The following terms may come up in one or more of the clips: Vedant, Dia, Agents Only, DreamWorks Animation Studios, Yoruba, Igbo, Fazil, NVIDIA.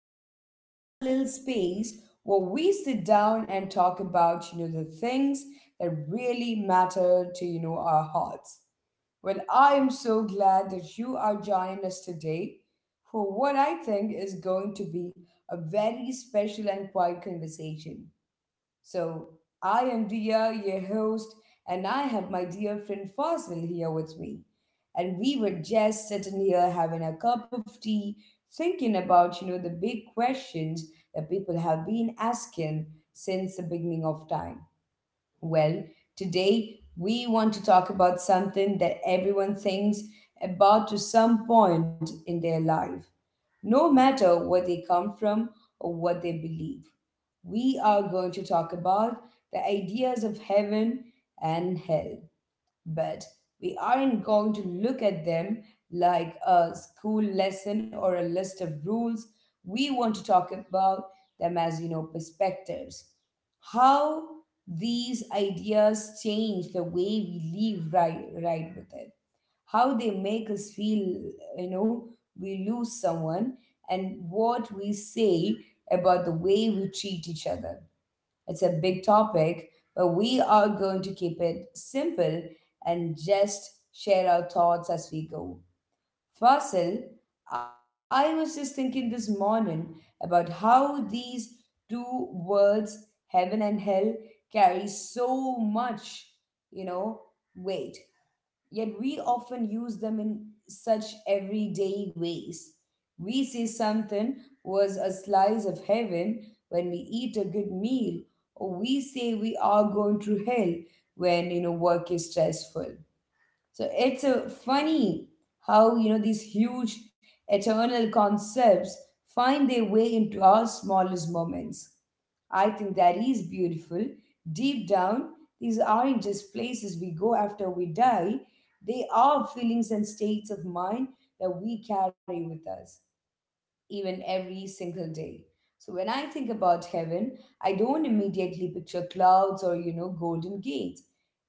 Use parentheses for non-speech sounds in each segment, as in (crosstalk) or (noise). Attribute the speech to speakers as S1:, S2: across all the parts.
S1: back to our little space where we sit down and talk about, the things that really matter to, our hearts. Well, I am so glad that you are joining us today for what I think is going to be a very special and quiet conversation. So I am Dia, your host, and I have my dear friend Fazil here with me. And we were just sitting here having a cup of tea, thinking about, the big questions that people have been asking since the beginning of time. Well, today we want to talk about something that everyone thinks about to some point in their life, no matter where they come from or what they believe. We are going to talk about the ideas of heaven and hell, but we aren't going to look at them like a school lesson or a list of rules. We want to talk about them as, perspectives. How these ideas change the way we live right with it. How they make us feel, you know, we lose someone and what we say about the way we treat each other. It's a big topic, but we are going to keep it simple and just share our thoughts as we go. Fasil, I was just thinking this morning about how these two words, heaven and hell, carry so much, you know, weight. Yet we often use them in such everyday ways. We say something was a slice of heaven when we eat a good meal, or we say we are going through hell when work is stressful. So it's a funny how these huge eternal concepts find their way into our smallest moments. I think that is beautiful. Deep down, these aren't just places we go after we die, they are feelings and states of mind that we carry with us even every single day. So when I think about heaven, I don't immediately picture clouds or, golden gates.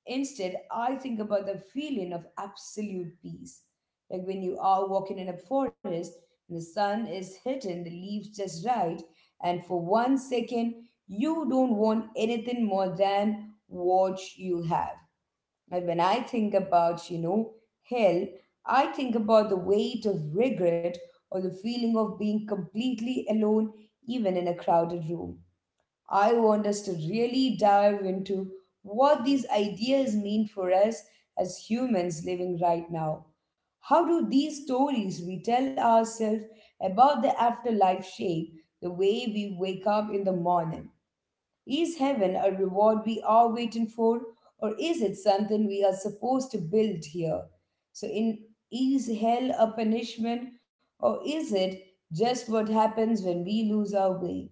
S1: Instead, I think about the feeling of absolute peace. Like when you are walking in a forest and the sun is hitting the leaves just right, and for one second, you don't want anything more than what you have. And when I think about, hell, I think about the weight of regret or the feeling of being completely alone, even in a crowded room. I want us to really dive into what these ideas mean for us as humans living right now. How do these stories we tell ourselves about the afterlife shape the way we wake up in the morning? Is heaven a reward we are waiting for, or is it something we are supposed to build here? So, in is hell a punishment, or is it just what happens when we lose our way?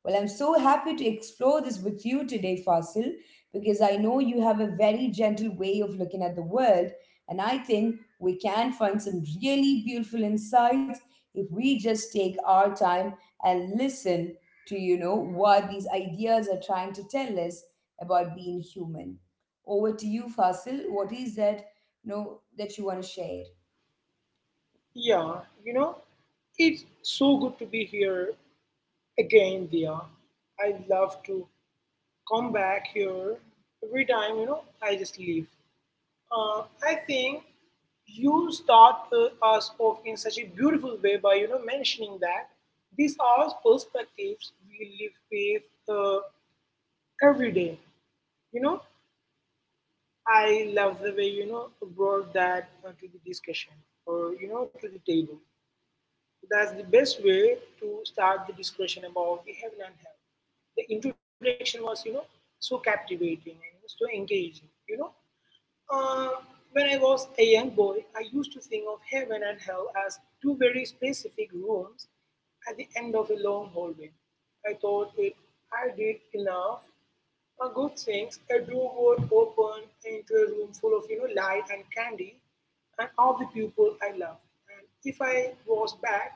S1: Well, I'm so happy to explore this with you today, Fasil, because I know you have a very gentle way of looking at the world, and I think we can find some really beautiful insights if we just take our time and listen to, what these ideas are trying to tell us about being human. Over to you, Fasil. What is that, that you want to share?
S2: Yeah, you know, it's so good to be here again, Dia. I love to come back here every time, I just leave. Uh, I think you start us off in such a beautiful way by, you know, mentioning that these are perspectives we live with every day. You know, I love the way, you know, brought that to the discussion or, you know, to the table. That's the best way to start the discussion about the heaven and hell. The introduction was, you know, so captivating and so engaging. Uh, when I was a young boy, I used to think of heaven and hell as two very specific rooms at the end of a long hallway. I thought if I did enough good things, a door would open into a room full of light and candy, and all the people I loved. And if I was bad,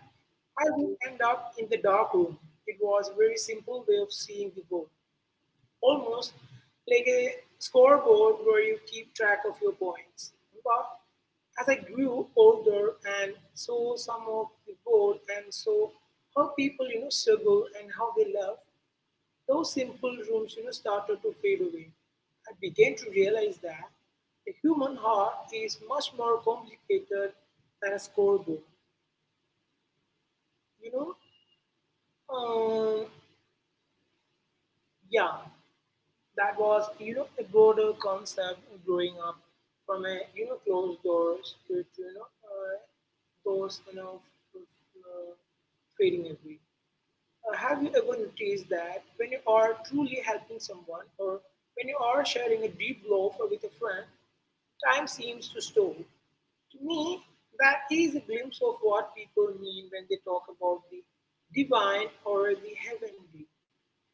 S2: I would end up in the dark room. It was a very simple way of seeing the world, almost like a scoreboard where you keep track of your points. But as I grew older and saw some of the board and saw how people, you know, struggle and how they love, those simple rooms, you know, started to fade away. I began to realize that the human heart is much more complicated than a scoreboard. You know, um, yeah, that was a broader concept growing up from a closed doors to, you know doors uh, fading away. Have you ever noticed that when you are truly helping someone or when you are sharing a deep love with a friend, time seems to stop. To me, that is a glimpse of what people mean when they talk about the divine or the heavenly.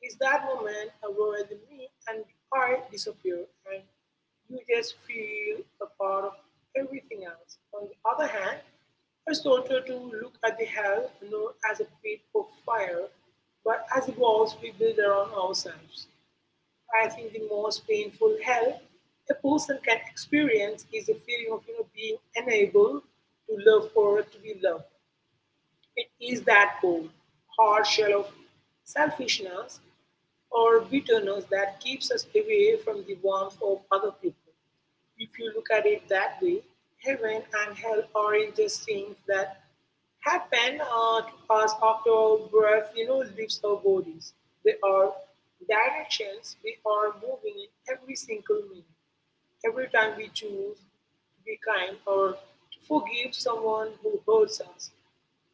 S2: Is that moment where the me and the I disappear and you just feel a part of everything else. On the other hand, I started to look at the hell not as a pit of fire, but as the walls we build around ourselves. I think the most painful hell a person can experience is the feeling of being unable to love or to be loved. It is that cold, hard shell of selfishness or bitterness that keeps us away from the warmth of other people. If you look at it that way, heaven and hell are just things that happen to us after our breath, leaves our bodies. They are directions we are moving in every single minute. Every time we choose to be kind or to forgive someone who hurts us,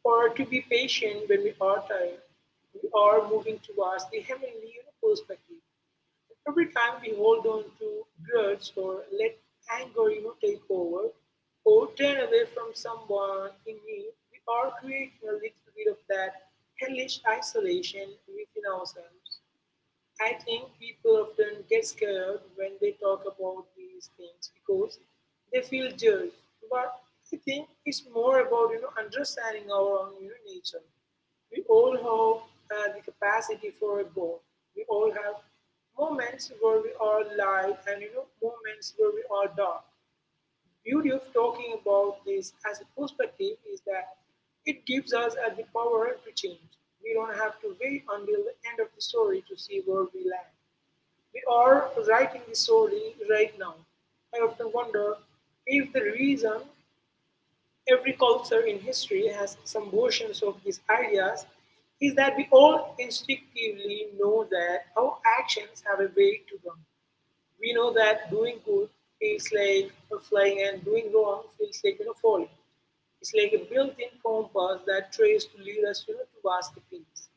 S2: or to be patient when we are tired, we are moving towards the heavenly perspective. Every time we hold on to grudge or let anger take over, or turn away from someone in need, we are creating a little bit of that hellish isolation within ourselves. I think people often get scared when they talk about these things because they feel judged. But I think it's more about understanding our own nature. We all have the capacity for both. We all have moments where we are light and moments where we are dark. Beauty of talking about this as a perspective is that it gives us the power to change. We don't have to wait until the end of the story to see where we land. We are writing the story right now. I often wonder if the reason every culture in history has some versions of these ideas is that we all instinctively know that our actions have a way to them. We know that doing good feels like flying and doing wrong feels like falling. It's like a built-in compass that tries to lead us towards the peace.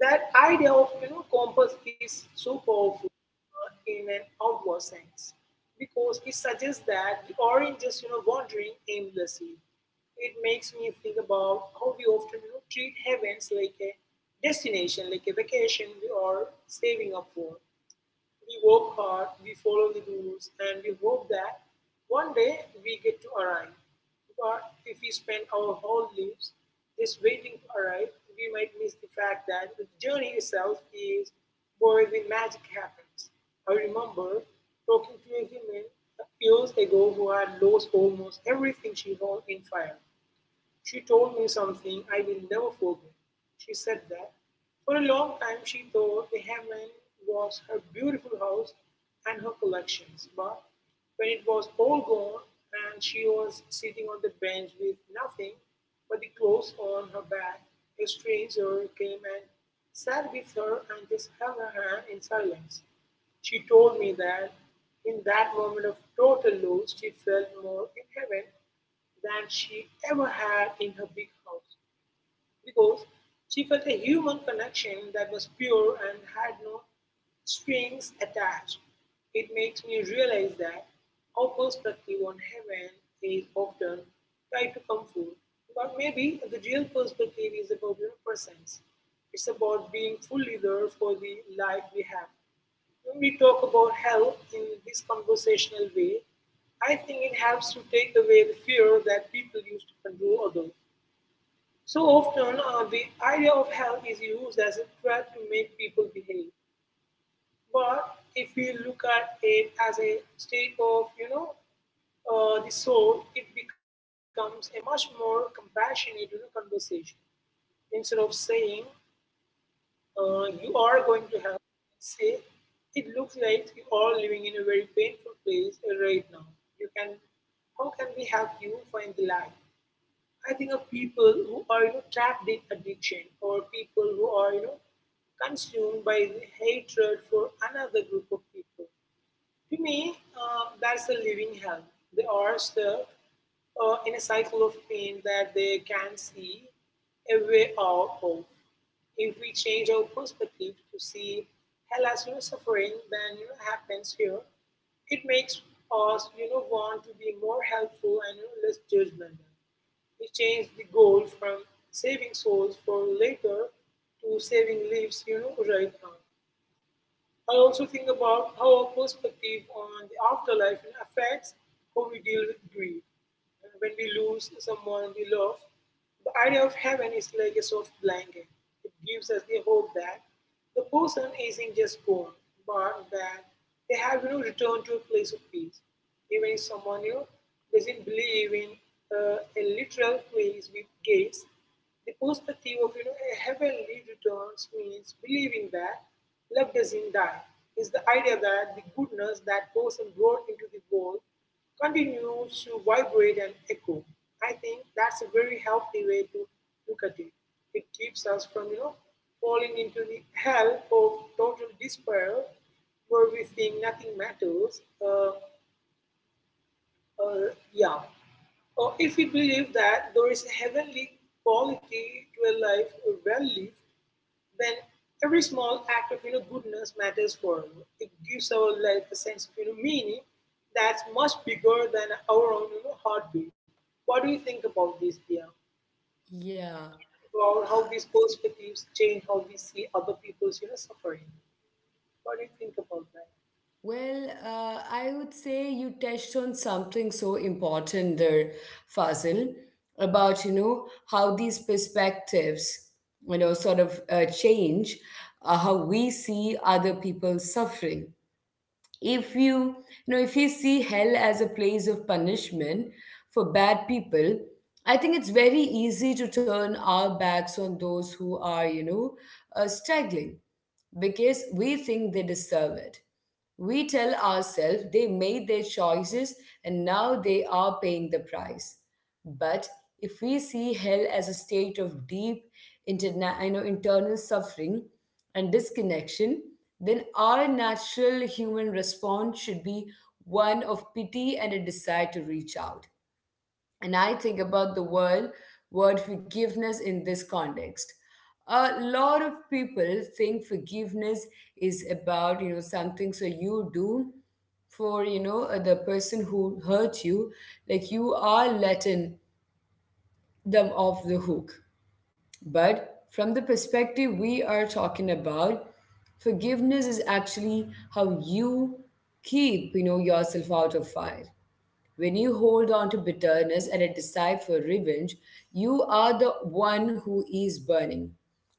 S2: That idea of compass is so powerful in an outward sense because it suggests that the orange is wandering aimlessly. It makes me think about how we often treat heavens like a destination, like a vacation we are saving up for. We work hard, we follow the rules, and we hope that one day we get to arrive. But if we spend our whole lives just waiting to arrive, we might miss the fact that the journey itself is where the magic happens. I remember talking to a woman years ago who had lost almost everything she owned in fire. She told me something I will never forget. She said that, for a long time, she thought the heaven was her beautiful house and her collections, but when it was all gone, and she was sitting on the bench with nothing but the clothes on her back, a stranger came and sat with her and just held her hand in silence. She told me that in that moment of total loss, she felt more in heaven than she ever had in her big house because she felt a human connection that was pure and had no strings attached. It makes me realize that our perspective on heaven is often tied to comfort, but maybe the real perspective is about your presence. It's about being fully there for the life we have. When we talk about health in this conversational way, I think it helps to take away the fear that people use to control others. So often, the idea of health is used as a threat to make people behave. But if we look at it as a state of, you know, the soul, it becomes a much more compassionate conversation. Instead of saying, you are going to have, say, it looks like you are living in a very painful place right now. You can, how can we help you find the light? I think of people who are trapped in addiction or people who are consumed by the hatred for another group of people. To me, that's the living hell. They are stuck in a cycle of pain that they can't see a way out of. If we change our perspective to see hell as suffering, then happens here. It makes us want to be more helpful and less judgmental. He changed the goal from saving souls for later to saving lives right now. I also think about how our perspective on the afterlife affects how we deal with grief. When we lose someone we love, the idea of heaven is like a soft blanket. It gives us the hope that the person isn't just gone, but that they have returned to a place of peace. Even if someone doesn't believe in a literal place with gates, the perspective of a heavenly returns means believing that love doesn't die. Is the idea that the goodness that person brought into the world continues to vibrate and echo. I think that's a very healthy way to look at it. It keeps us from falling into the hell of total despair where we think nothing matters. uh, yeah. Or if we believe that there is a heavenly quality to a life well lived, then every small act of goodness matters for us. It gives our life a sense of meaning that's much bigger than our own heartbeat. What do you think about this, Dia?
S1: Yeah.
S2: About how these perspectives change how we see other people's suffering? What do you think about that?
S1: Well, I would say you touched on something so important there, Fazil, about how these perspectives, sort of change, how we see other people suffering. If you, if you see hell as a place of punishment for bad people, I think it's very easy to turn our backs on those who are, struggling because we think they deserve it. We tell ourselves they made their choices and now they are paying the price. But if we see hell as a state of deep internal suffering and disconnection, then our natural human response should be one of pity and a desire to reach out. And I think about the world word forgiveness in this context. A lot of people think forgiveness is about something so you do for, the person who hurt you, like you are letting them off the hook. But from the perspective we are talking about, forgiveness is actually how you keep, yourself out of fire. When you hold on to bitterness and a desire for revenge, you are the one who is burning.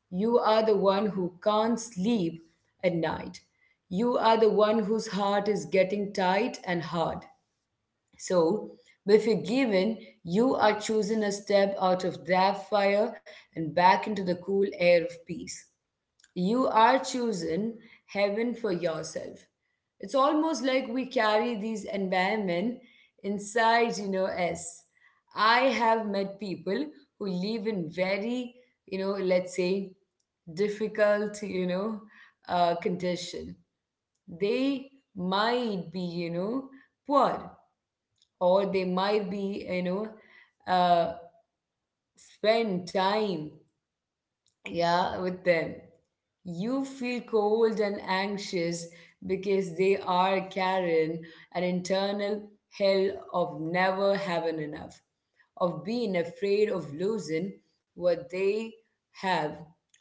S1: You are the one who can't sleep at night. You are the one whose heart is getting tight and hard. So, be forgiven, you are choosing a step out of that fire and back into the cool air of peace. You are choosing heaven for yourself. It's almost like we carry these environment inside, us. I have met people who live in very, let's say, difficult, condition. They might be, poor, or they might be, uh, spend time, yeah, with them. You feel cold and anxious because they are carrying an internal hell of never having enough, of being afraid of losing what they have,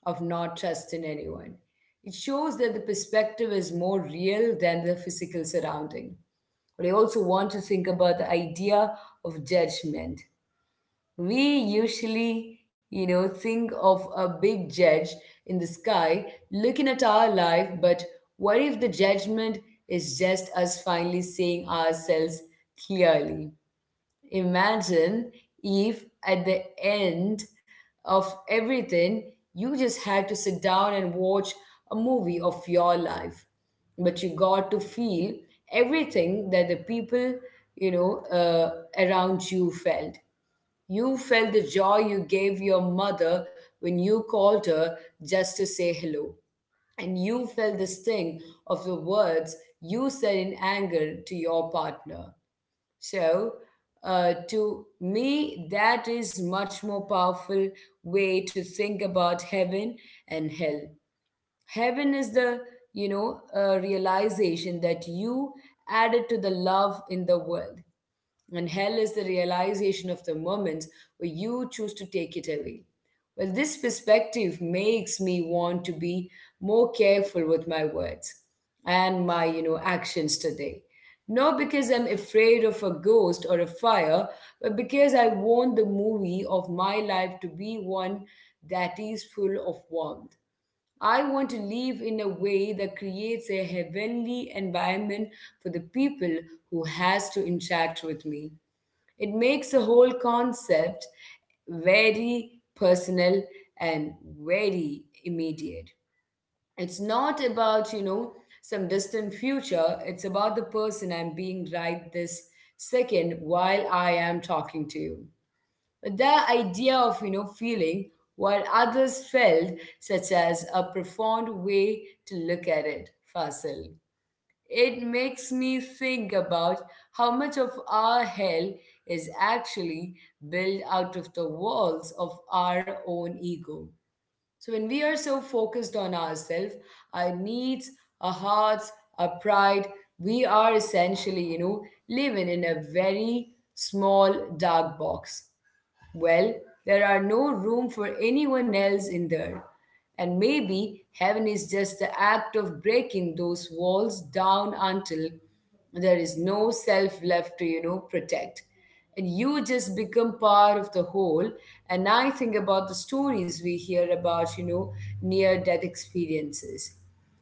S1: of not trusting anyone. It shows that the perspective is more real than the physical surrounding. But I also want to think about the idea of judgment. We usually, think of a big judge in the sky looking at our life, but what if the judgment is just us finally seeing ourselves clearly? Imagine if at the end of everything, you just had to sit down and watch a movie of your life, but you got to feel everything that the people, you know, uh, around you felt the joy you gave your mother when you called her just to say hello. And you felt the sting of the words you said in anger to your partner. So, to me, that is much more powerful way to think about heaven and hell. Heaven is the, realization that you added to the love in the world, and hell is the realization of the moments where you choose to take it away. Well, this perspective makes me want to be more careful with my words and my, actions today. Not because I'm afraid of a ghost or a fire, but because I want the movie of my life to be one that is full of warmth. I want to live in a way that creates a heavenly environment for the people who has to interact with me. It makes the whole concept very personal and very immediate. It's not about, some distant future, it's about the person I'm being right this second while I am talking to you. But the idea of, feeling what others felt, such as a profound way to look at it, Fasil. It makes me think about how much of our hell is actually built out of the walls of our own ego. So, when we are so focused on ourselves, our needs, our hearts, our pride, we are essentially, living in a very small dark box. Well, there are no room for anyone else in there. And maybe heaven is just the act of breaking those walls down until there is no self left to, protect. And you just become part of the whole. And I think about the stories we hear about, near death experiences.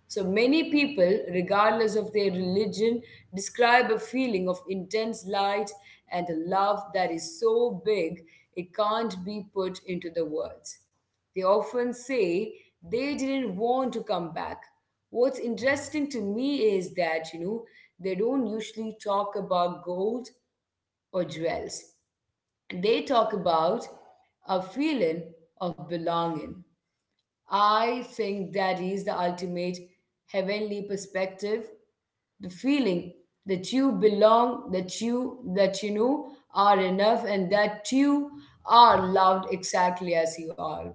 S1: So many people, regardless of their religion, describe a feeling of intense light and a love that is so big it can't be put into the words. They often say they didn't want to come back. What's interesting to me is that, they don't usually talk about gold or jewels. They talk about a feeling of belonging. I think that is the ultimate heavenly perspective. The feeling that you belong, that you know are enough and that you are loved exactly as you are.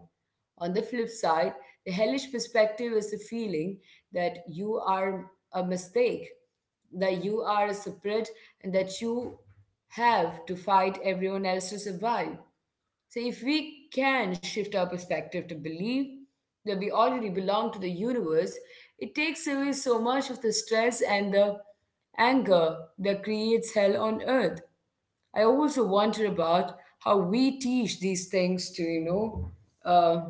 S1: On the flip side, the hellish perspective is the feeling that you are a mistake, that you are a separate, and that you have to fight everyone else to survive. So, if we can shift our perspective to believe that we already belong to the universe, it takes away so much of the stress and the anger that creates hell on earth. I also wonder about how we teach these things to, uh,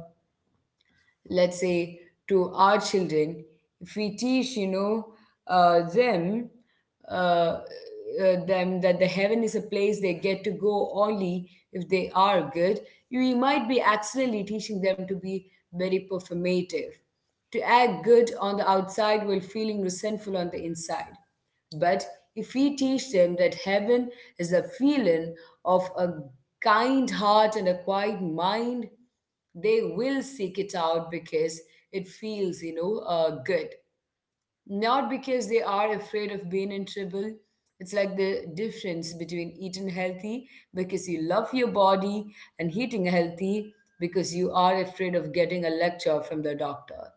S1: let's say to our children. If we teach uh, them uh, them that the heaven is a place they get to go only if they are good, we might be accidentally teaching them to be very performative, to act good on the outside while feeling resentful on the inside. But if we teach them that heaven is a feeling of a kind heart and a quiet mind, they will seek it out because it feels, good. Not because they are afraid of being in trouble. It's like the difference between eating healthy because you love your body and eating healthy because you are afraid of getting a lecture from the doctor.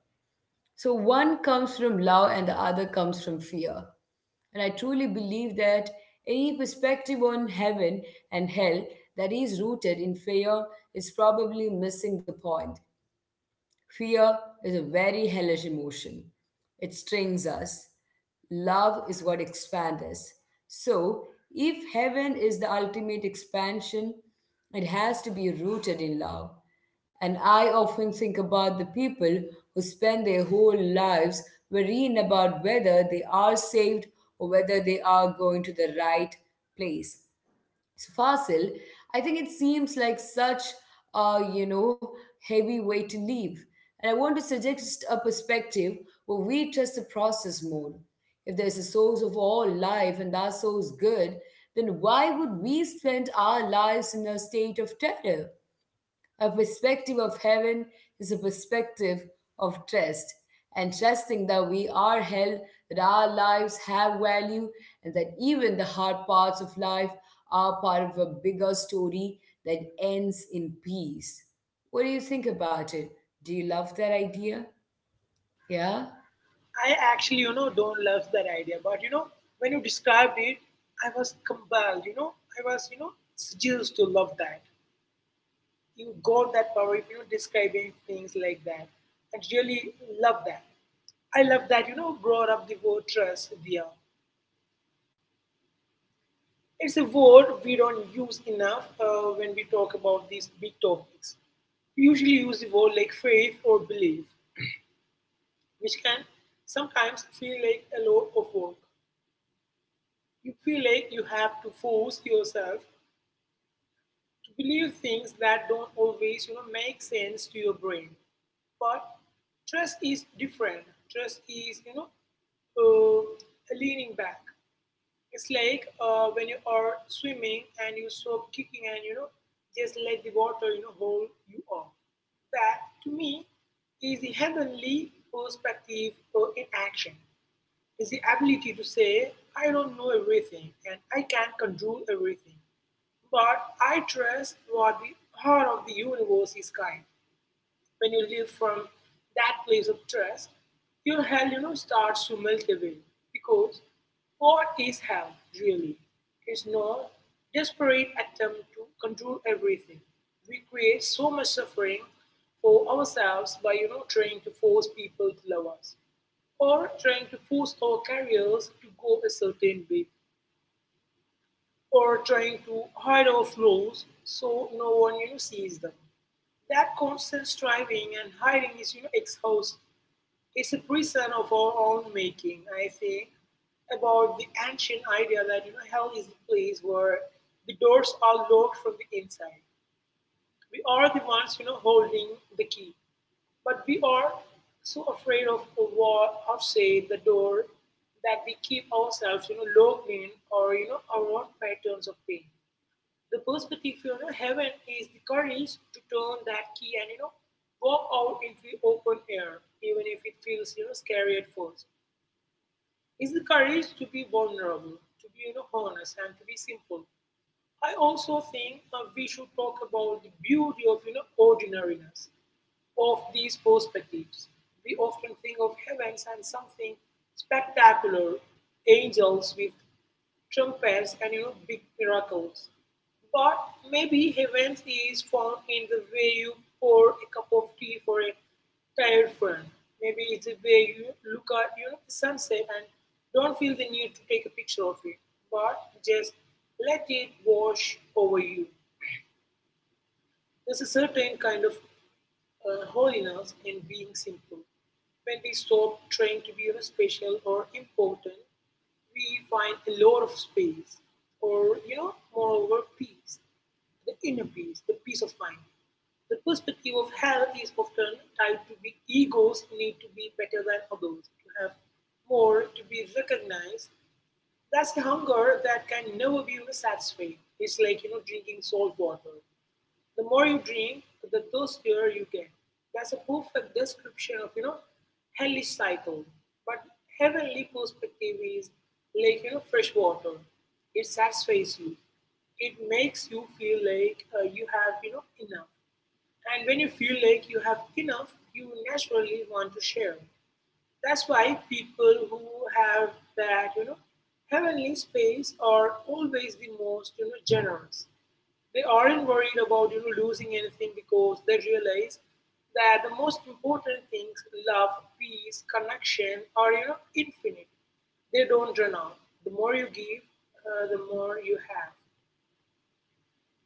S1: So one comes from love and the other comes from fear. And I truly believe that any perspective on heaven and hell that is rooted in fear is probably missing the point. Fear is a very hellish emotion. It strings us. Love is what expands us. So, if heaven is the ultimate expansion, it has to be rooted in love. And I often think about the people who spend their whole lives worrying about whether they are saved or whether they are going to the right place. So, Fossil, I think it seems like such a heavy way to live, and I want to suggest a perspective where we trust the process more. If there's a source of all life and that source good, then why would we spend our lives in a state of terror? A perspective of heaven is a perspective of trust, and trusting that we are held, that our lives have value, and that even the hard parts of life are part of a bigger story that ends in peace. What do you think about it? Do you love that idea? Yeah?
S2: I actually, you know, don't love that idea. But you know, when you described it, I was compelled. You know, I was, you know, seduced to love that. You got that power if describing things like that, and really love that. I love that brought up the word trust there. It's a word we don't use enough when we talk about these big topics. We usually use the word like faith or belief, which can sometimes feel like a lot of work. You feel like you have to force yourself to believe things that don't always make sense to your brain, but trust is different. Trust is uh, leaning back. It's like when you are swimming and you stop kicking and just let the water hold you up. That to me is the heavenly perspective in action. Is the ability to say, I don't know everything and I can't control everything, but I trust what the heart of the universe is kind. When you live from that place of trust, your hell, you know, starts to melt away. Because what is hell really? It's not desperate attempt to control everything. We create so much suffering for ourselves by trying to force people to love us, or trying to force our careers to go a certain way, or trying to hide off flaws so no one sees them. That constant striving and hiding is exhaust. It's a prison of our own making. I think about the ancient idea that hell is the place where the doors are locked from the inside. We are the ones holding the key, but we are so afraid of what outside the door that we keep ourselves locked in or our own patterns of pain the perspective, heaven is the courage to turn that key and walk out into the open air, even if it feels scary at first. It's the courage to be vulnerable, to be honest, and to be simple. I also think we should talk about the beauty of ordinariness of these perspectives. We often think of heavens as something spectacular, angels with trumpets and big miracles. But maybe heavens is found in the way you pour a cup of tea for a tired friend. Maybe it's the way you look at, the sunset and don't feel the need to take a picture of it, but just let it wash over you. There's a certain kind of holiness in being simple. When we stop trying to be, special or important, we find a lot of space, or, moreover, peace, the inner peace, the peace of mind. The perspective of health is often tied to the egos need to be better than others, to have more, to be recognized. That's the hunger that can never be, satisfied. It's like drinking salt water. The more you drink, the thirstier you get. That's a perfect description of hellish cycle. But heavenly perspective is like fresh water. It satisfies you. It makes you feel like you have enough. And when you feel like you have enough, you naturally want to share. That's why people who have that, heavenly space are always the most, generous. They aren't worried about, losing anything because they realize that the most important things, love, peace, connection, are, infinite. They don't run out. The more you give, the more you have.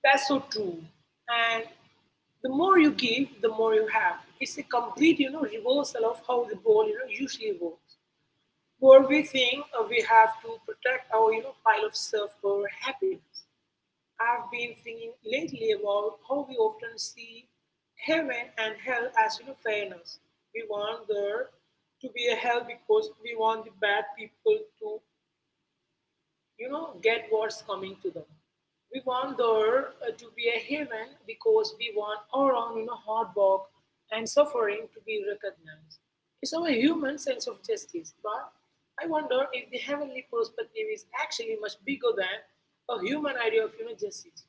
S2: That's so true. And the more you give, the more you have. It's a complete, reversal of how the ball, usually works. But we think we have to protect our, pile of stuff for happiness. I've been thinking lately about how we often see heaven and hell as fairness. We want there to be a hell because we want the bad people to, get what's coming to them. We want there to be a heaven because we want our own, hard work and suffering to be recognized. It's our human sense of justice, but I wonder if the heavenly perspective is actually much bigger than a human idea of, justice.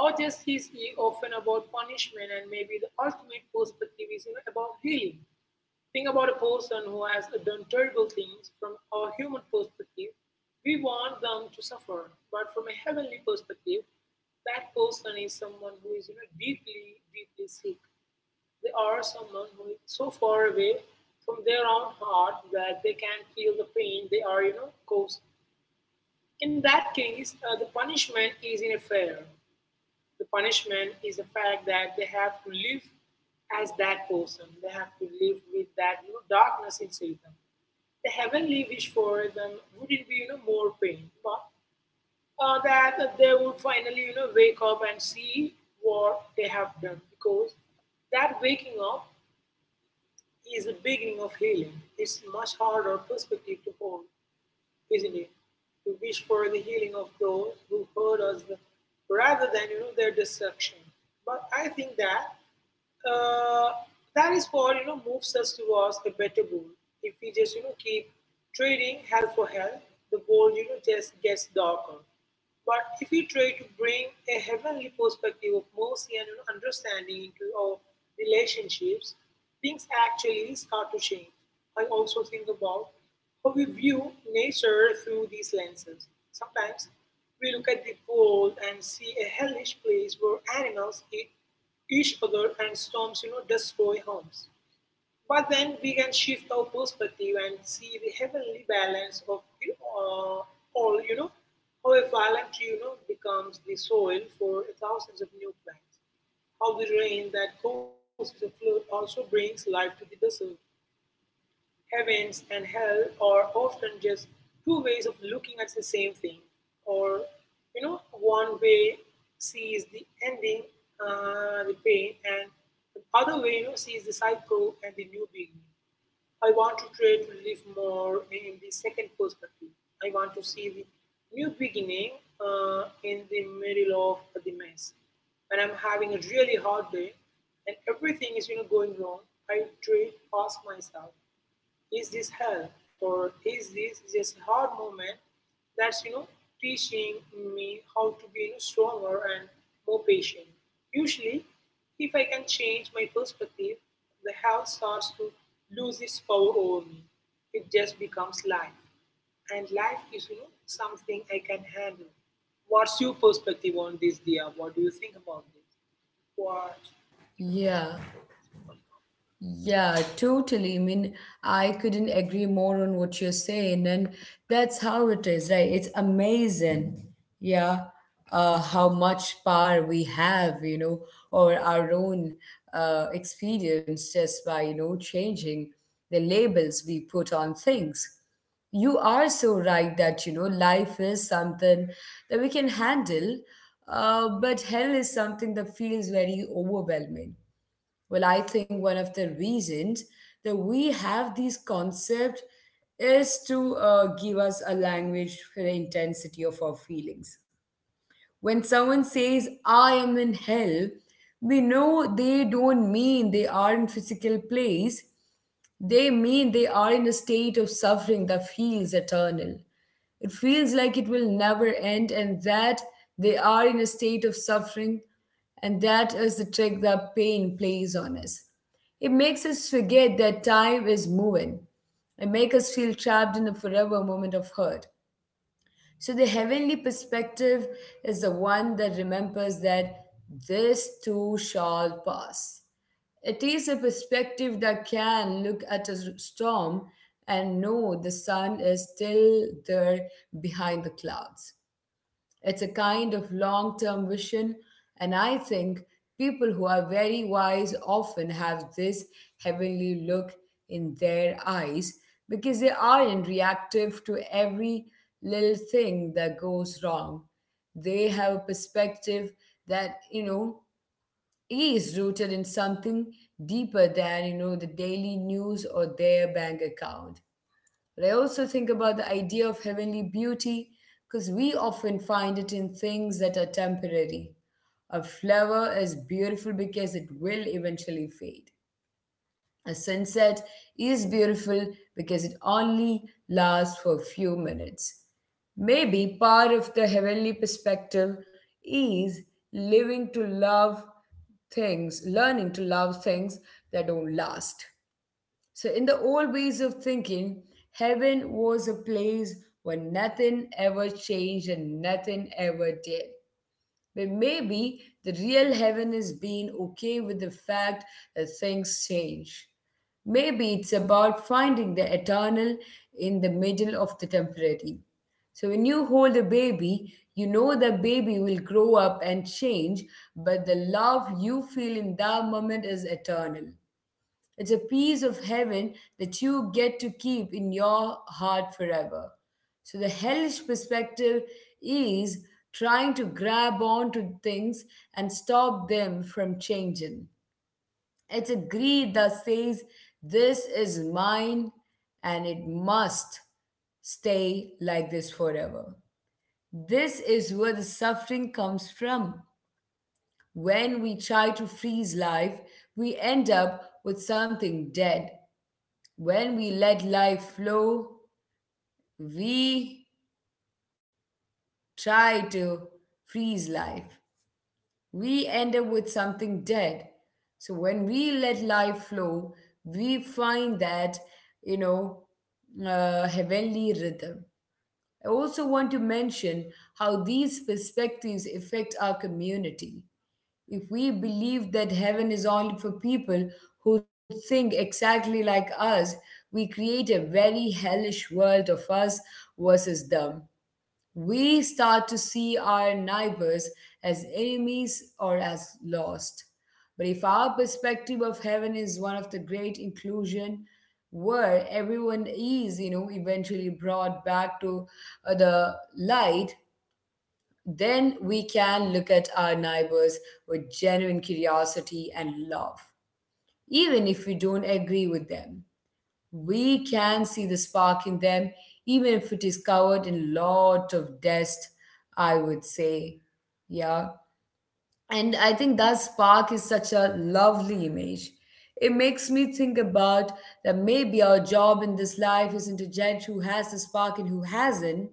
S2: Our justice is often about punishment, and maybe the ultimate perspective is, about healing. Think about a person who has done terrible things from a human perspective. We want them to suffer. But from a heavenly perspective, that person is someone who is, deeply, deeply sick. They are someone who is so far away from their own heart that they can feel the pain they are, caused. In that case, the punishment is in a fair the punishment is the fact that they have to live as that person. They have to live with that, darkness inside them. The heavenly wish for them wouldn't be more pain, but that they would finally wake up and see what they have done, because that waking up is the beginning of healing. It's much harder perspective to hold, isn't it? To wish for the healing of those who hurt us rather than, their destruction. But I think that uh, that is what moves us towards a better goal. If we just keep trading health for health, the goal just gets darker. But if we try to bring a heavenly perspective of mercy and, understanding into our relationships, things actually start to change. I also think about how we view nature through these lenses. Sometimes we look at the world and see a hellish place where animals eat each other and storms destroy homes, but then we can shift our perspective and see the heavenly balance of uh, all, how a phalanx becomes the soil for thousands of new plants, how the rain that causes a flood also brings life to the desert. Heavens and hell are often just two ways of looking at the same thing, or, one way sees the ending, the pain, and the other way, sees the cycle and the new beginning. I want to try to live more in the second perspective. I want to see the new beginning in the middle of the mess. When I'm having a really hard day and everything is going wrong, I try to ask myself, is this health or is this just hard movement that's teaching me how to be, stronger and more patient? Usually, if I can change my perspective, the health starts to lose its power over me. It just becomes life, and life is something I can handle. What's your perspective on this, Dia? What do you think about this? What
S1: Yeah, yeah, totally. I mean, I couldn't agree more on what you're saying, and that's how it is, right? It's amazing, yeah, how much power we have, or our own experience just by, changing the labels we put on things. You are so right that, life is something that we can handle, but hell is something that feels very overwhelming. Well, I think one of the reasons that we have these concepts is to give us a language for the intensity of our feelings. When someone says, I am in hell, we know they don't mean they are in physical place. They mean they are in a state of suffering that feels eternal. It feels like it will never end, and that they are in a state of suffering, and that is the trick that pain plays on us. It makes us forget that time is moving. It makes us feel trapped in a forever moment of hurt. So the heavenly perspective is the one that remembers that this too shall pass. It is a perspective that can look at a storm and know the sun is still there behind the clouds. It's a kind of long term vision, and I think people who are very wise often have this heavenly look in their eyes, because they aren't reactive to every little thing that goes wrong. They have a perspective that, is rooted in something deeper than, the daily news or their bank account. But I also think about the idea of heavenly beauty, because we often find it in things that are temporary. A flower is beautiful because it will eventually fade. A sunset is beautiful because it only lasts for a few minutes. Maybe part of the heavenly perspective is living to love things, learning to love things that don't last. So, in the old ways of thinking, heaven was a place where nothing ever changed and nothing ever did. But maybe the real heaven is being okay with the fact that things change. Maybe it's about finding the eternal in the middle of the temporary. So when you hold a baby, you know the baby will grow up and change, but the love you feel in that moment is eternal. It's a piece of heaven that you get to keep in your heart forever. So the hellish perspective is trying to grab on to things and stop them from changing. It's a greed that says, this is mine and it must stay like this forever. This is where the suffering comes from. When we try to freeze life, we end up with something dead. When we let life flow, we try to freeze life. We end up with something dead. So when we let life flow, we find that, you know, heavenly rhythm. I also want to mention how these perspectives affect our community. If we believe that heaven is only for people who think exactly like us, we create a very hellish world of us versus them. We start to see our neighbors as enemies or as lost. But if our perspective of heaven is one of the great inclusion, where everyone is, eventually brought back to the light, then we can look at our neighbors with genuine curiosity and love. Even if we don't agree with them, we can see the spark in them, even if it is covered in lot of dust, I would say. Yeah. And I think that spark is such a lovely image. It makes me think about that maybe our job in this life isn't to judge who has the spark and who hasn't,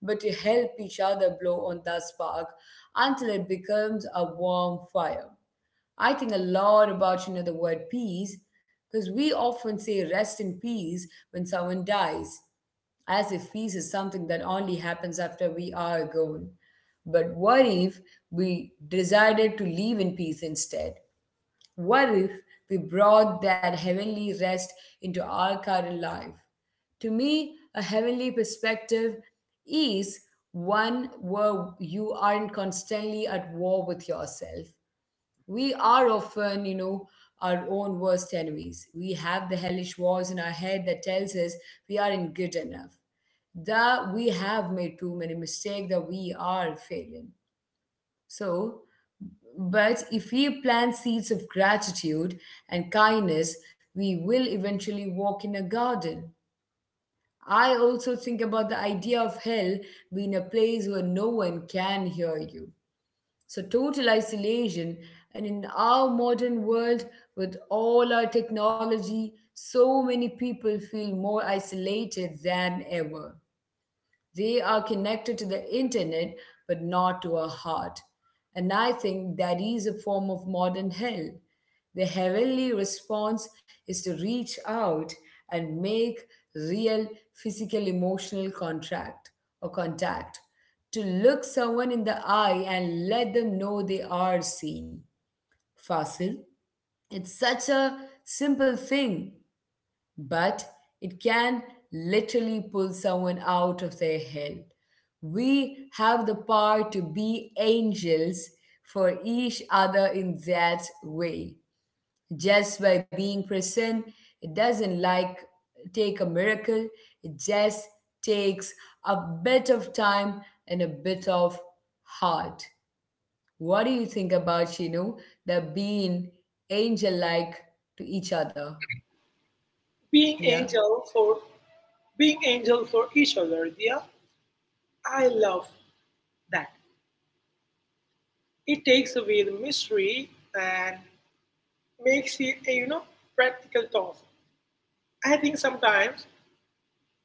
S1: but to help each other blow on that spark until it becomes a warm fire. I think a lot about the word peace, because we often say rest in peace when someone dies, as if peace is something that only happens after we are gone. But what if we decided to live in peace instead? What if we brought that heavenly rest into our current life? To me, a heavenly perspective is one where you aren't constantly at war with yourself. We are often, our own worst enemies. We have the hellish voice in our head that tells us we aren't good enough, that we have made too many mistakes, that we are failing. So, but if we plant seeds of gratitude and kindness, we will eventually walk in a garden. I also think about the idea of hell being a place where no one can hear you, so total isolation. And in our modern world, with all our technology, so many people feel more isolated than ever. They are connected to the internet, but not to our heart. And I think that is a form of modern hell. The heavenly response is to reach out and make real physical emotional contract or contact, to look someone in the eye and let them know they are seen. Fasil, it's such a simple thing, but it can literally pull someone out of their hell. We have the power to be angels for each other in that way. Just by being present, it doesn't like take a miracle. It just takes a bit of time and a bit of heart. What do you think about, the being angel like to each other?
S2: being
S1: Yeah.
S2: angel for being angel for each other, Dia? I love that. It takes away the mystery and makes it a practical task. I think sometimes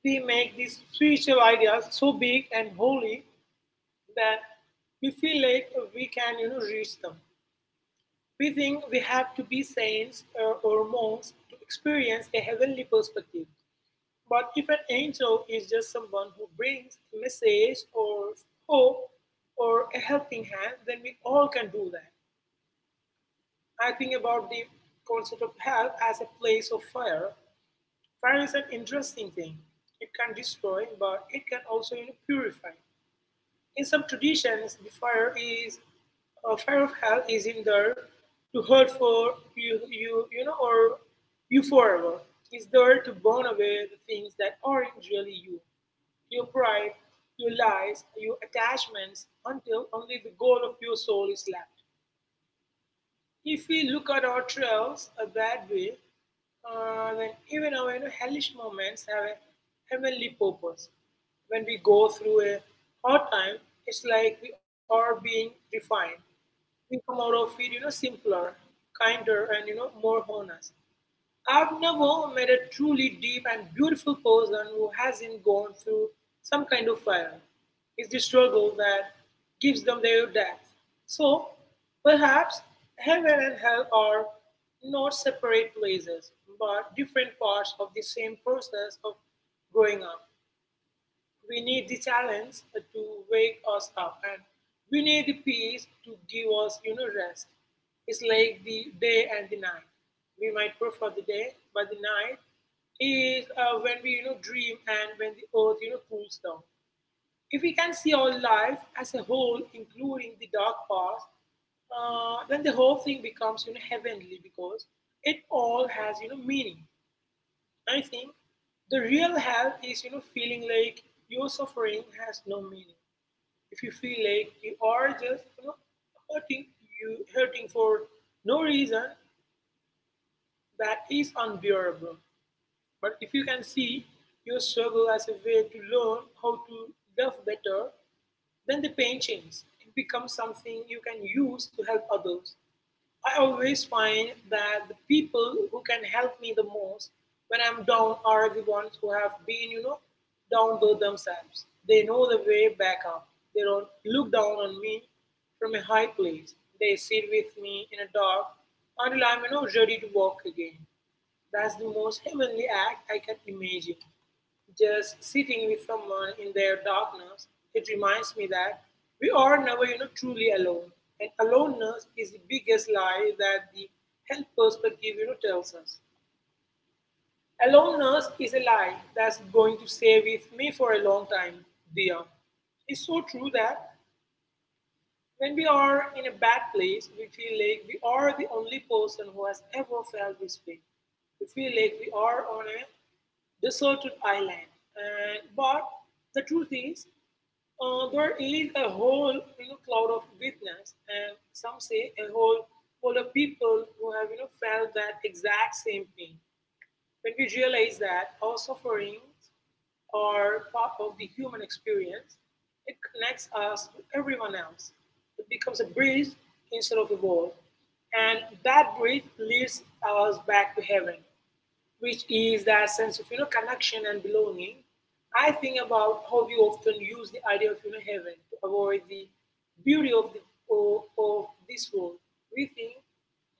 S2: we make these spiritual ideas so big and holy that we feel like we can reach them. We think we have to be saints or monks to experience a heavenly perspective. But if an angel is just someone who brings a message or hope or a helping hand, then we all can do that. I think about the concept of hell as a place of fire. Fire is an interesting thing. It can destroy, but it can also, purify. In some traditions, the fire is a fire of hell is in there to hurt for you, you, or you forever. It's there to burn away the things that aren't really you, your pride, your lies, your attachments, until only the goal of your soul is left. If we look at ourselves that way, then even our, hellish moments have a heavenly purpose. When we go through a hard time, it's like we are being refined. We come out of it, simpler, kinder, and, more honest. I've never met a truly deep and beautiful person who hasn't gone through some kind of fire. It's the struggle that gives them their depth. So perhaps heaven and hell are not separate places, but different parts of the same process of growing up. We need the challenge to wake us up, and we need the peace to give us, rest. It's like the day and the night. We might prefer the day, but the night is when we, dream and when the earth, cools down. If we can see our life as a whole, including the dark past, then the whole thing becomes, heavenly, because it all has, meaning. I think the real help is feeling like your suffering has no meaning. If you feel like you are just hurting you hurting for no reason, that is unbearable. But if you can see your struggle as a way to learn how to love better, then the pain changes. It becomes something you can use to help others. I always find that the people who can help me the most when I'm down are the ones who have been, down by themselves. They know the way back up. They don't look down on me from a high place. They sit with me in a dark until I'm, ready to walk again. That's the most heavenly act I can imagine. Just sitting with someone in their darkness, it reminds me that we are never, truly alone. And aloneness is the biggest lie that the health perspective, tells us. Aloneness is a lie that's going to stay with me for a long time, dear. It's so true that when we are in a bad place, we feel like we are the only person who has ever felt this way. We feel like we are on a deserted island. But the truth is, there is a whole cloud of witness, and some say a whole of people who have felt that exact same pain. When we realize that our sufferings are part of the human experience, it connects us to everyone else. It becomes a bridge instead of a wall. And that bridge leads us back to heaven, which is that sense of connection and belonging. I think about how we often use the idea of heaven to avoid the beauty of of, of this world. We think,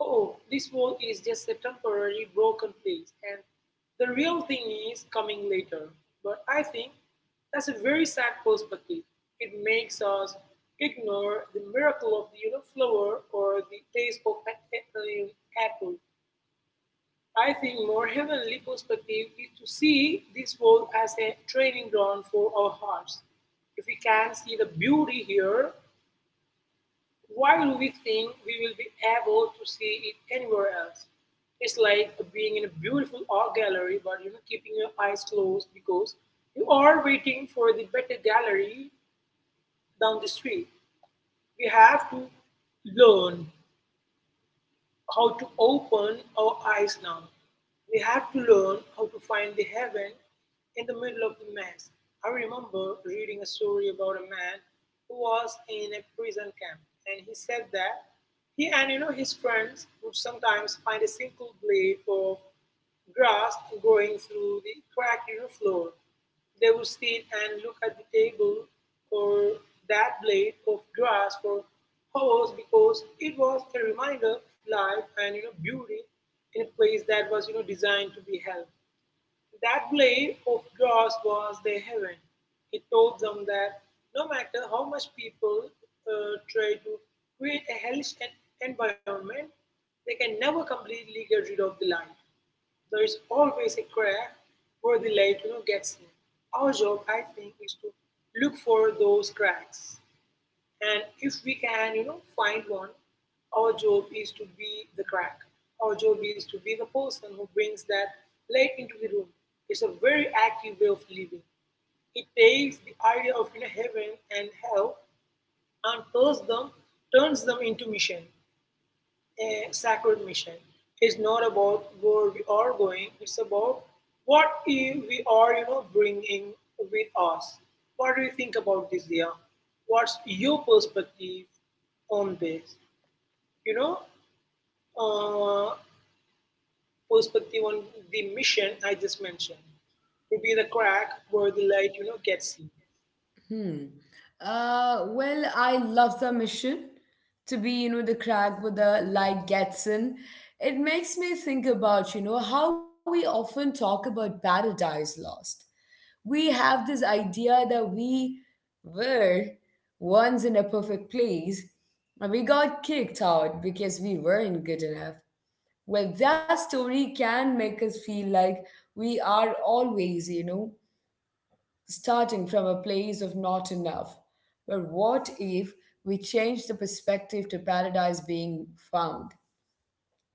S2: oh, this world is just a temporary broken place, and the real thing is coming later. But I think that's a very sad perspective. It makes us ignore the miracle of the flower or the taste of an apple. I think more heavenly perspective is to see this world as a training ground for our hearts. If we can see the beauty here, why do we think we will be able to see it anywhere else? It's like being in a beautiful art gallery, but keeping your eyes closed because you are waiting for the better gallery down the street. We have to learn how to open our eyes now. We have to learn how to find the heaven in the middle of the mess. I remember reading a story about a man who was in a prison camp, and he said that he and his friends would sometimes find a single blade of grass growing through the cracked floor. They would sit and look at the table or that blade of grass for hours because it was a reminder of life and beauty in a place that was designed to be held. That blade of grass was their heaven. It told them that no matter how much people try to create a hellish environment, they can never completely get rid of the light. There is always a crack where the light gets in. Our job, I think, is to look for those cracks, and if we can, find one, our job is to be the crack. Our job is to be the person who brings that light into the room. It's a very active way of living. It takes the idea of heaven and hell and turns them into mission, a sacred mission. It's not about where we are going, it's about what we are, bringing with us. What do you think about this, Dia? What's your perspective on this? You know, uh, perspective on the mission I just mentioned, to be the crack where the light, gets in.
S1: Hmm. Well, I love the mission to be, the crack with the light gets in. It makes me think about, how we often talk about paradise lost. We have this idea that we were once in a perfect place and we got kicked out because we weren't good enough. Well, that story can make us feel like we are always, starting from a place of not enough. But what if we change the perspective to paradise being found?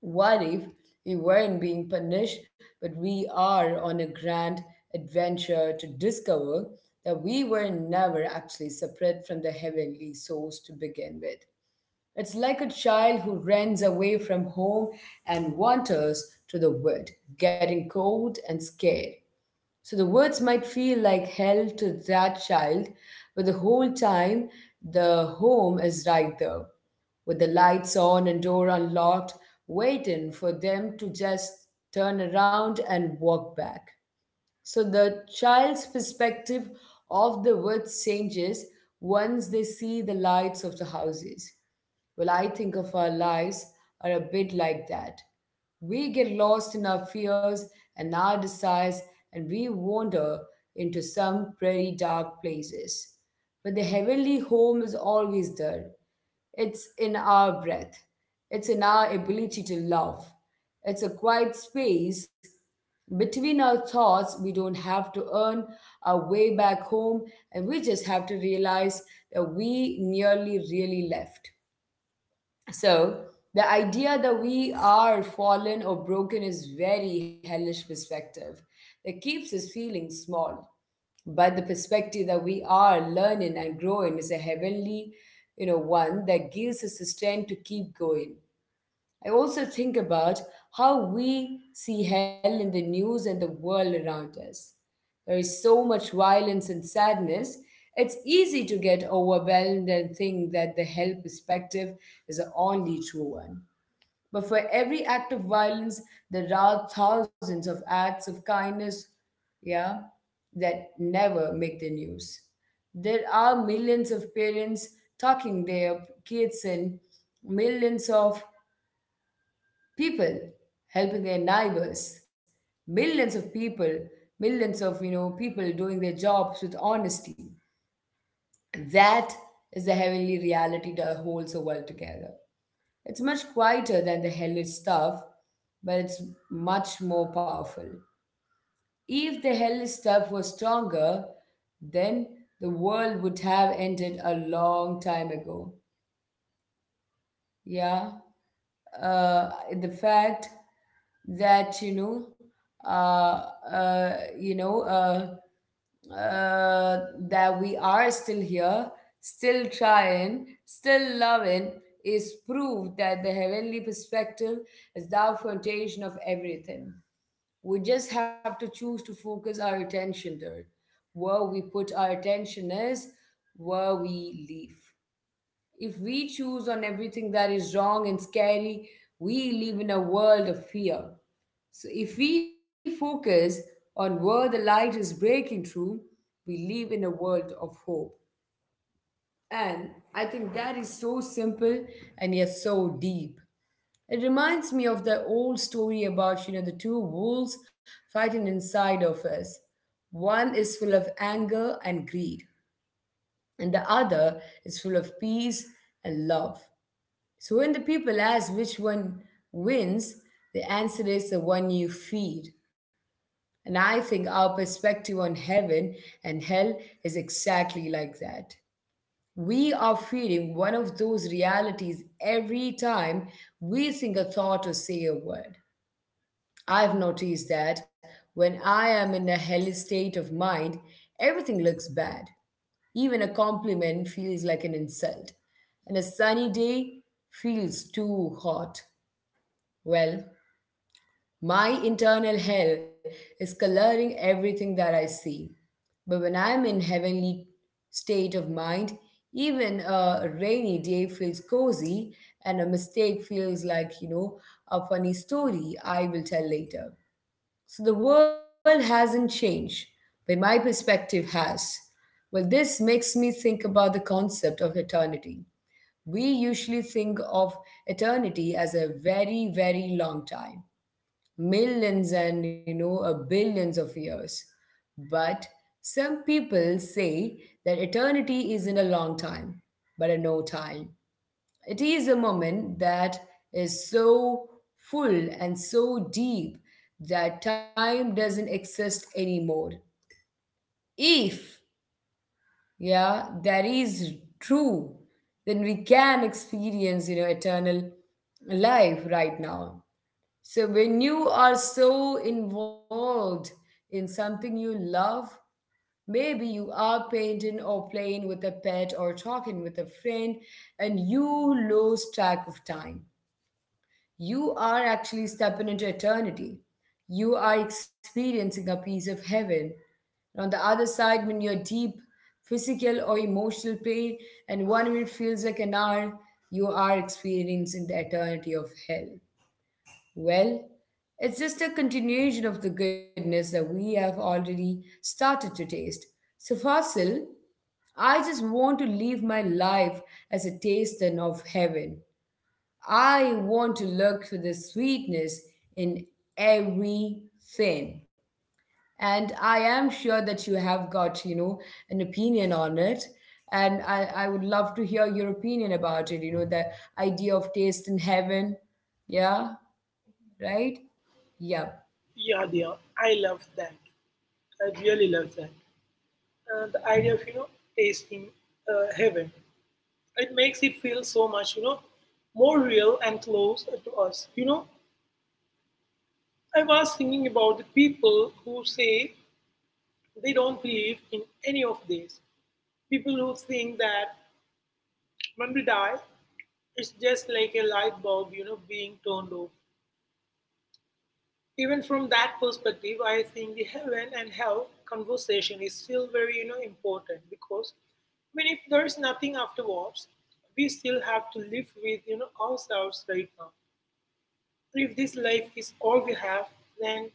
S1: What if we weren't being punished, but we are on a grand adventure to discover that we were never actually separate from the heavenly source to begin with? It's like a child who runs away from home and wanders to the wood, getting cold and scared. So the words might feel like hell to that child, but the whole time the home is right there, with the lights on and door unlocked, waiting for them to just turn around and walk back. So the child's perspective of the words changes once they see the lights of the houses. Well, I think of our lives are a bit like that. We get lost in our fears and our desires, and we wander into some pretty dark places. But the heavenly home is always there. It's in our breath, it's in our ability to love. It's a quiet space between our thoughts. We don't have to earn our way back home, and we just have to realize that we nearly really left. So the idea that we are fallen or broken is very hellish perspective that keeps us feeling small. But the perspective that we are learning and growing is a heavenly, one that gives us the strength to keep going. I also think about how we see hell in the news and the world around us. There is so much violence and sadness, it's easy to get overwhelmed and think that the hell perspective is the only true one. But for every act of violence, there are thousands of acts of kindness, yeah, that never make the news. There are millions of parents tucking their kids in, millions of people helping their neighbors, millions of people millions of you know people doing their jobs with honesty. That is the heavenly reality that holds the world together. It's much quieter than the hellish stuff, but it's much more powerful. If the hellish stuff was stronger, then the world would have ended a long time ago. Yeah. uh, the fact that uh, uh, you know uh, uh, that we are still here, still trying, still loving, is proof that the heavenly perspective is the foundation of everything. We just have to choose to focus our attention there. Where we put our attention is where we live. If we choose on everything that is wrong and scary, we live in a world of fear. So if we focus on where the light is breaking through, we live in a world of hope. And I think that is so simple and yet so deep. It reminds me of the old story about, you know, the two wolves fighting inside of us. One is full of anger and greed, and the other is full of peace and love. So when the people ask which one wins, the answer is the one you feed. And I think our perspective on heaven and hell is exactly like that. We are feeding one of those realities every time we think a thought or say a word. I've noticed that when I am in a hellish state of mind, everything looks bad. Even a compliment feels like an insult, and a sunny day feels too hot. Well, my internal hell is coloring everything that I see. But when I'm in heavenly state of mind, even a rainy day feels cozy, and a mistake feels like, a funny story I will tell later. So the world hasn't changed, but my perspective has. Well, this makes me think about the concept of eternity. We usually think of eternity as a very, very long time, millions and billions of years. But some people say that eternity isn't a long time but a no time. It is a moment that is so full and so deep that time doesn't exist anymore. If, yeah, that is true, then we can experience eternal life right now. So when you are so involved in something you love, maybe you are painting or playing with a pet or talking with a friend, and you lose track of time. You are actually stepping into eternity. You are experiencing a piece of heaven. And on the other side, when you're deep physical or emotional pain, and one minute feels like an hour, you are experiencing the eternity of hell. Well, it's just a continuation of the goodness that we have already started to taste. So, Fasil, I just want to live my life as a taster of heaven. I want to look for the sweetness in everything. And I am sure that you have got, you know, an opinion on it. And I would love to hear your opinion about it, the idea of taste in heaven. Yeah, right? Yeah.
S2: Yeah, Dia, I love that. I really love that. The idea of, tasting heaven, it makes it feel so much, more real and close to us. You know, I was thinking about the people who say they don't believe in any of this. People who think that when we die, it's just like a light bulb, being turned off. Even from that perspective, I think the heaven and hell conversation is still very, important because I mean, if there is nothing afterwards, we still have to live with, ourselves right now. If this life is all we have, then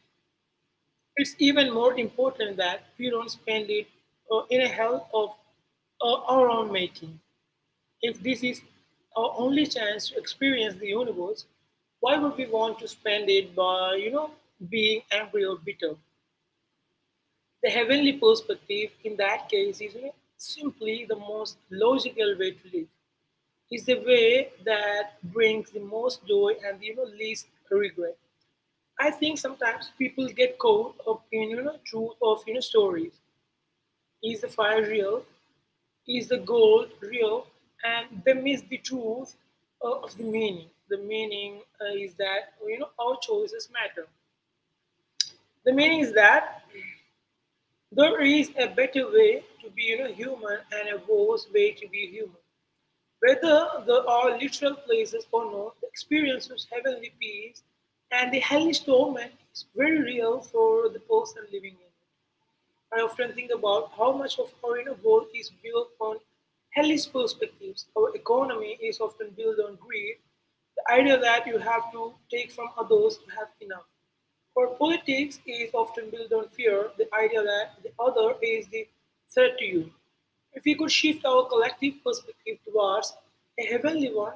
S2: it's even more important that we don't spend it in a hell of our own making. If this is our only chance to experience the universe, why would we want to spend it by, being angry or bitter? The heavenly perspective in that case is simply the most logical way to live. It's the way that brings the most joy and least regret. I think sometimes people get caught up in truth of stories. Is the fire real? Is the gold real? And they miss the truth of the meaning. The meaning is that our choices matter. The meaning is that there is a better way to be human and a worse way to be human. Whether there are literal places or not, the experience of heavenly peace and the hellish torment is very real for the person living in it. I often think about how much of our inner world is built on hellish perspectives. Our economy is often built on greed, the idea that you have to take from others to have enough. Our politics is often built on fear, the idea that the other is the threat to you. If we could shift our collective perspective towards a heavenly one,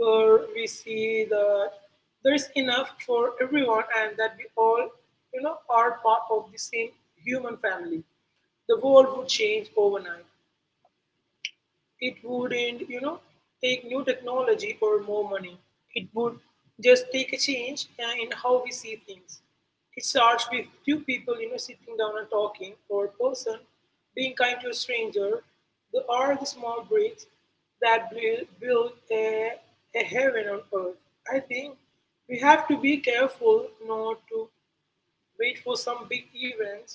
S2: where we see that there is enough for everyone and that we all, are part of the same human family, the world would change overnight. It wouldn't, take new technology or more money. It would just take a change in how we see things. It starts with two people, sitting down and talking, or a person being kind to a stranger. There are the small bricks that will build a heaven on earth. I think we have to be careful not to wait for some big events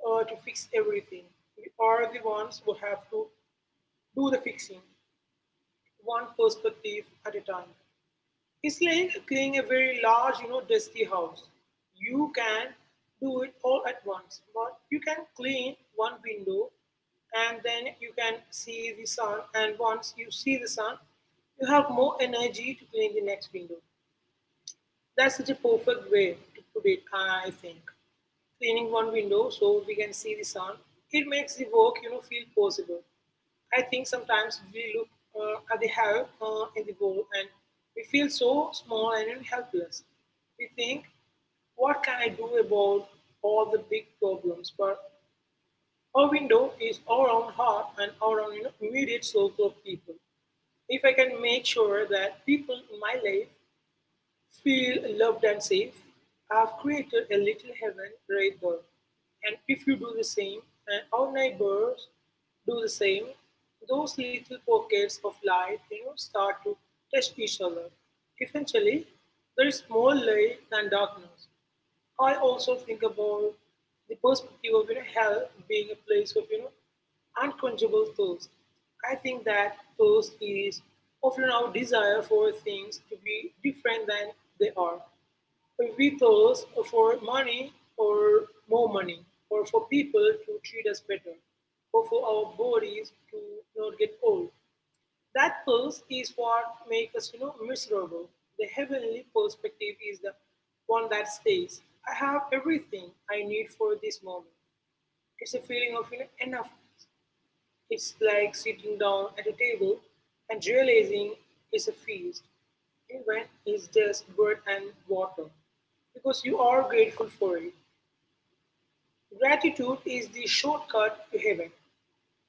S2: to fix everything. We are the ones who have to do the fixing one perspective at a time. It's like cleaning a very large, dusty house. You can do it all at once, but you can clean one window and then you can see the sun. And once you see the sun, you have more energy to clean the next window. That's such a perfect way to put it, I think. Cleaning one window so we can see the sun, it makes the work, feel possible. I think sometimes we look at the hell in the world and we feel so small and helpless. We think, what can I do about all the big problems? But our window is our own heart and our own immediate circle of people. If I can make sure that people in my life feel loved and safe. I've created a little heaven right there. And if you do the same, and our neighbors do the same, those little pockets of light, start to touch each other. Eventually, there is more light than darkness. I also think about the perspective of hell being a place of unquenchable thirst. I think that thirst is often our desire for things to be different than they are. We thirst for money or more money, or for people to treat us better, or for our bodies to not get old. That pulse is what makes us, miserable. The heavenly perspective is the one that stays. I have everything I need for this moment. It's a feeling of enough. It's like sitting down at a table and realizing it's a feast, even when it's just bread and water, because you are grateful for it. Gratitude is the shortcut to heaven.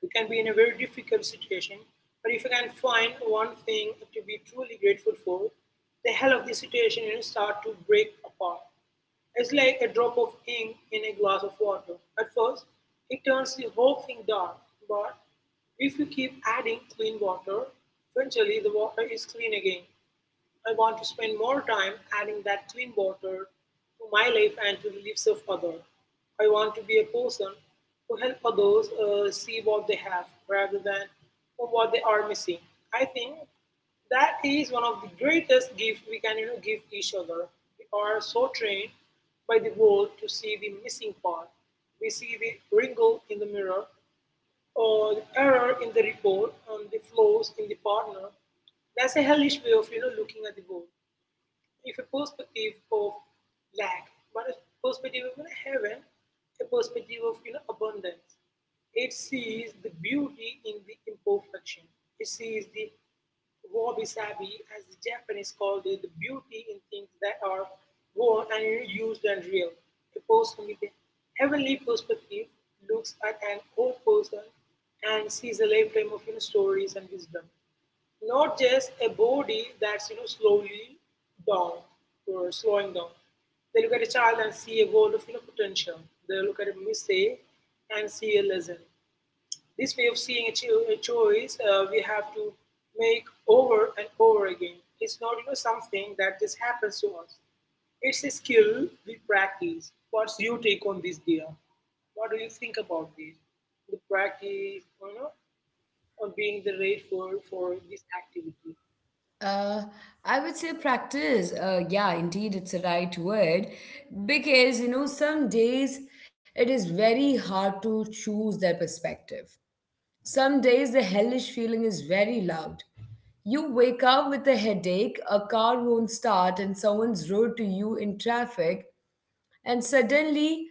S2: We can be in a very difficult situation, but if you can find one thing to be truly grateful for, the hell of the situation start to break apart. It's like a drop of ink in a glass of water. At first, it turns the whole thing dark, but if you keep adding clean water, eventually the water is clean again. I want to spend more time adding that clean water to my life and to the lives of others. I want to be a person who help others see what they have rather than what they are missing. I think that is one of the greatest gifts we can give each other. We are so trained by the world to see the missing part. We see the wrinkle in the mirror or the error in the report, the flaws in the partner. That's a hellish way of looking at the world. If a perspective of lack, but a perspective of heaven, a perspective of abundance, it sees the beauty in the imperfection. It sees the wabi sabi, as the Japanese call it, the beauty in things that are worn and used and real. A person with a heavenly perspective looks at an old person and sees a lifetime of stories and wisdom. Not just a body that's slowly down or slowing down. They look at a child and see a world of potential. They look at a mistake and see a lesson. This way of seeing a choice we have to make over and over again. It's not something that just happens to us. It's a skill we practice. What's your take on this, dear? What do you think about this? The practice, of being the rate for this activity.
S1: Uh, I would say practice. Yeah, indeed, it's the right word because some days it is very hard to choose their perspective. Some days the hellish feeling is very loud. You wake up with a headache, a car won't start, and someone's rude to you in traffic, and suddenly,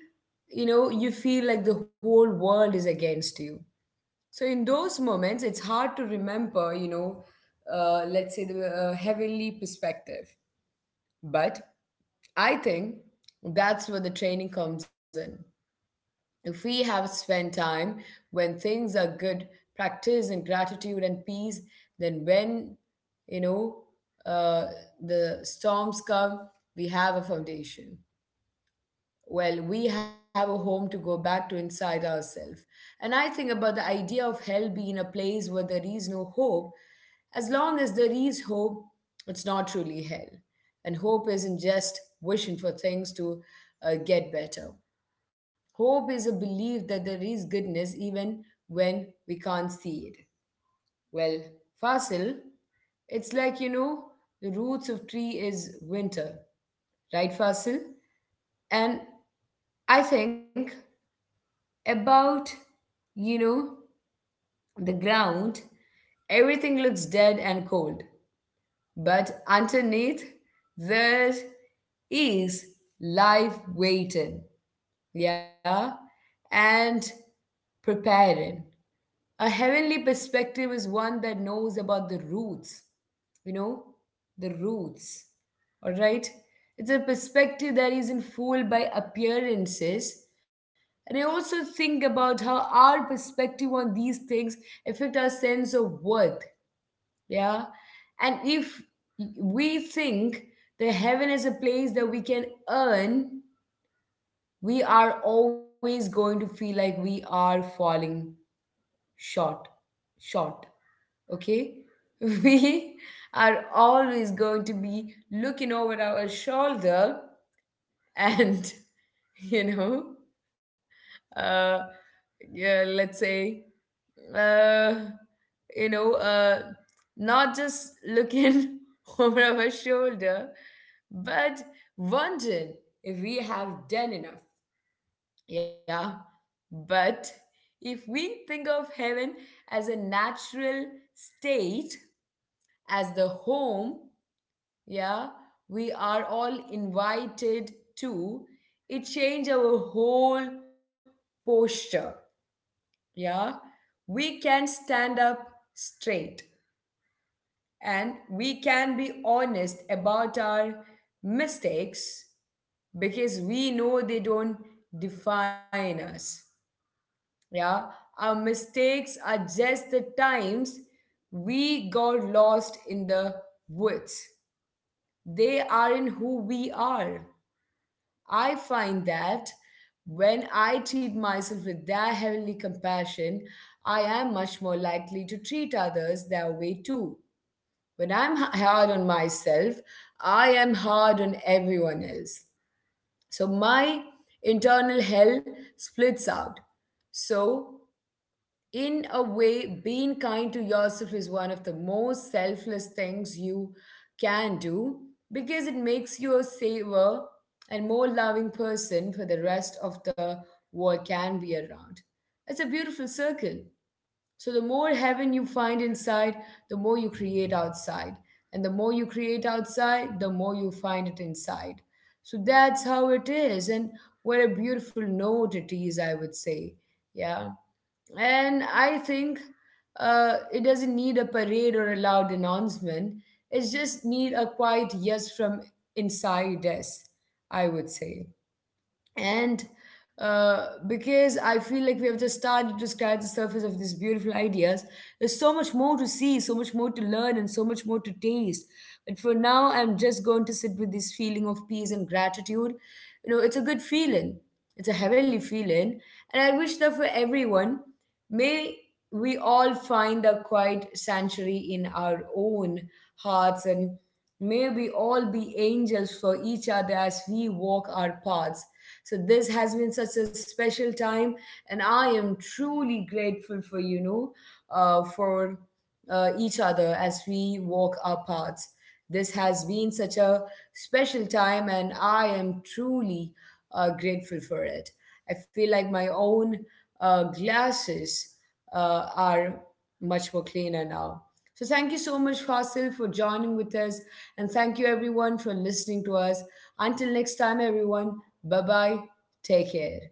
S1: you feel like the whole world is against you. So in those moments, it's hard to remember, let's say the heavenly perspective. But I think that's where the training comes in. If we have spent time when things are good, practice and gratitude and peace, then when, you know, uh, the storms come, we have a foundation. Well, we have a home to go back to inside ourselves. And I think about the idea of hell being a place where there is no hope. As long as there is hope, it's not truly hell. And hope isn't just wishing for things to get better. Hope is a belief that there is goodness even when we can't see it. Well, Fasil, it's like, the roots of tree is winter, right, Fasil? And I think about, you know, the ground, everything looks dead and cold. But underneath, there is life waiting, yeah, and preparing. A heavenly perspective is one that knows about the roots, you know, the roots. All right? It's a perspective that isn't fooled by appearances. And I also think about how our perspective on these things affect our sense of worth. Yeah. And if we think that heaven is a place that we can earn, we are always going to feel like we are falling short, short. Okay? (laughs) We are always going to be looking over our shoulder and, (laughs) you know, uh, yeah, let's say, uh, you know, uh, not just looking (laughs) over our shoulder, but wondering if we have done enough. Yeah, but if we think of heaven as a natural state, as the home, yeah, we are all invited to, it change our whole posture. Yeah, we can stand up straight and we can be honest about our mistakes because we know they don't define us. Yeah, our mistakes are just the times we got lost in the woods. They are in who we are. I find that when I treat myself with that heavenly compassion, I am much more likely to treat others that way too. When I'm hard on myself, I am hard on everyone else. So my internal hell splits out. So in a way, being kind to yourself is one of the most selfless things you can do, because it makes you a saver and more loving person for the rest of the world can be around. It's a beautiful circle. So the more heaven you find inside, the more you create outside. And the more you create outside, the more you find it inside. So that's how it is. And what a beautiful note it is, I would say. Yeah. And I think it doesn't need a parade or a loud announcement. It just need a quiet yes from inside us, I would say, and because I feel like we have just started to scratch the surface of these beautiful ideas, there's so much more to see, so much more to learn, and so much more to taste. But for now, I'm just going to sit with this feeling of peace and gratitude. It's a good feeling, it's a heavenly feeling, and I wish that for everyone. May we all find a quiet sanctuary in our own hearts, and may we all be angels for each other as we walk our paths. So this has been such a special time, and I am truly grateful for you know for each other as we walk our paths. This has been such a special time, and I am truly grateful for it. I feel like my own glasses are much more cleaner now. So, thank you so much, Fasil, for joining with us, and thank you everyone for listening to us. Until next time, everyone, bye bye. Take care.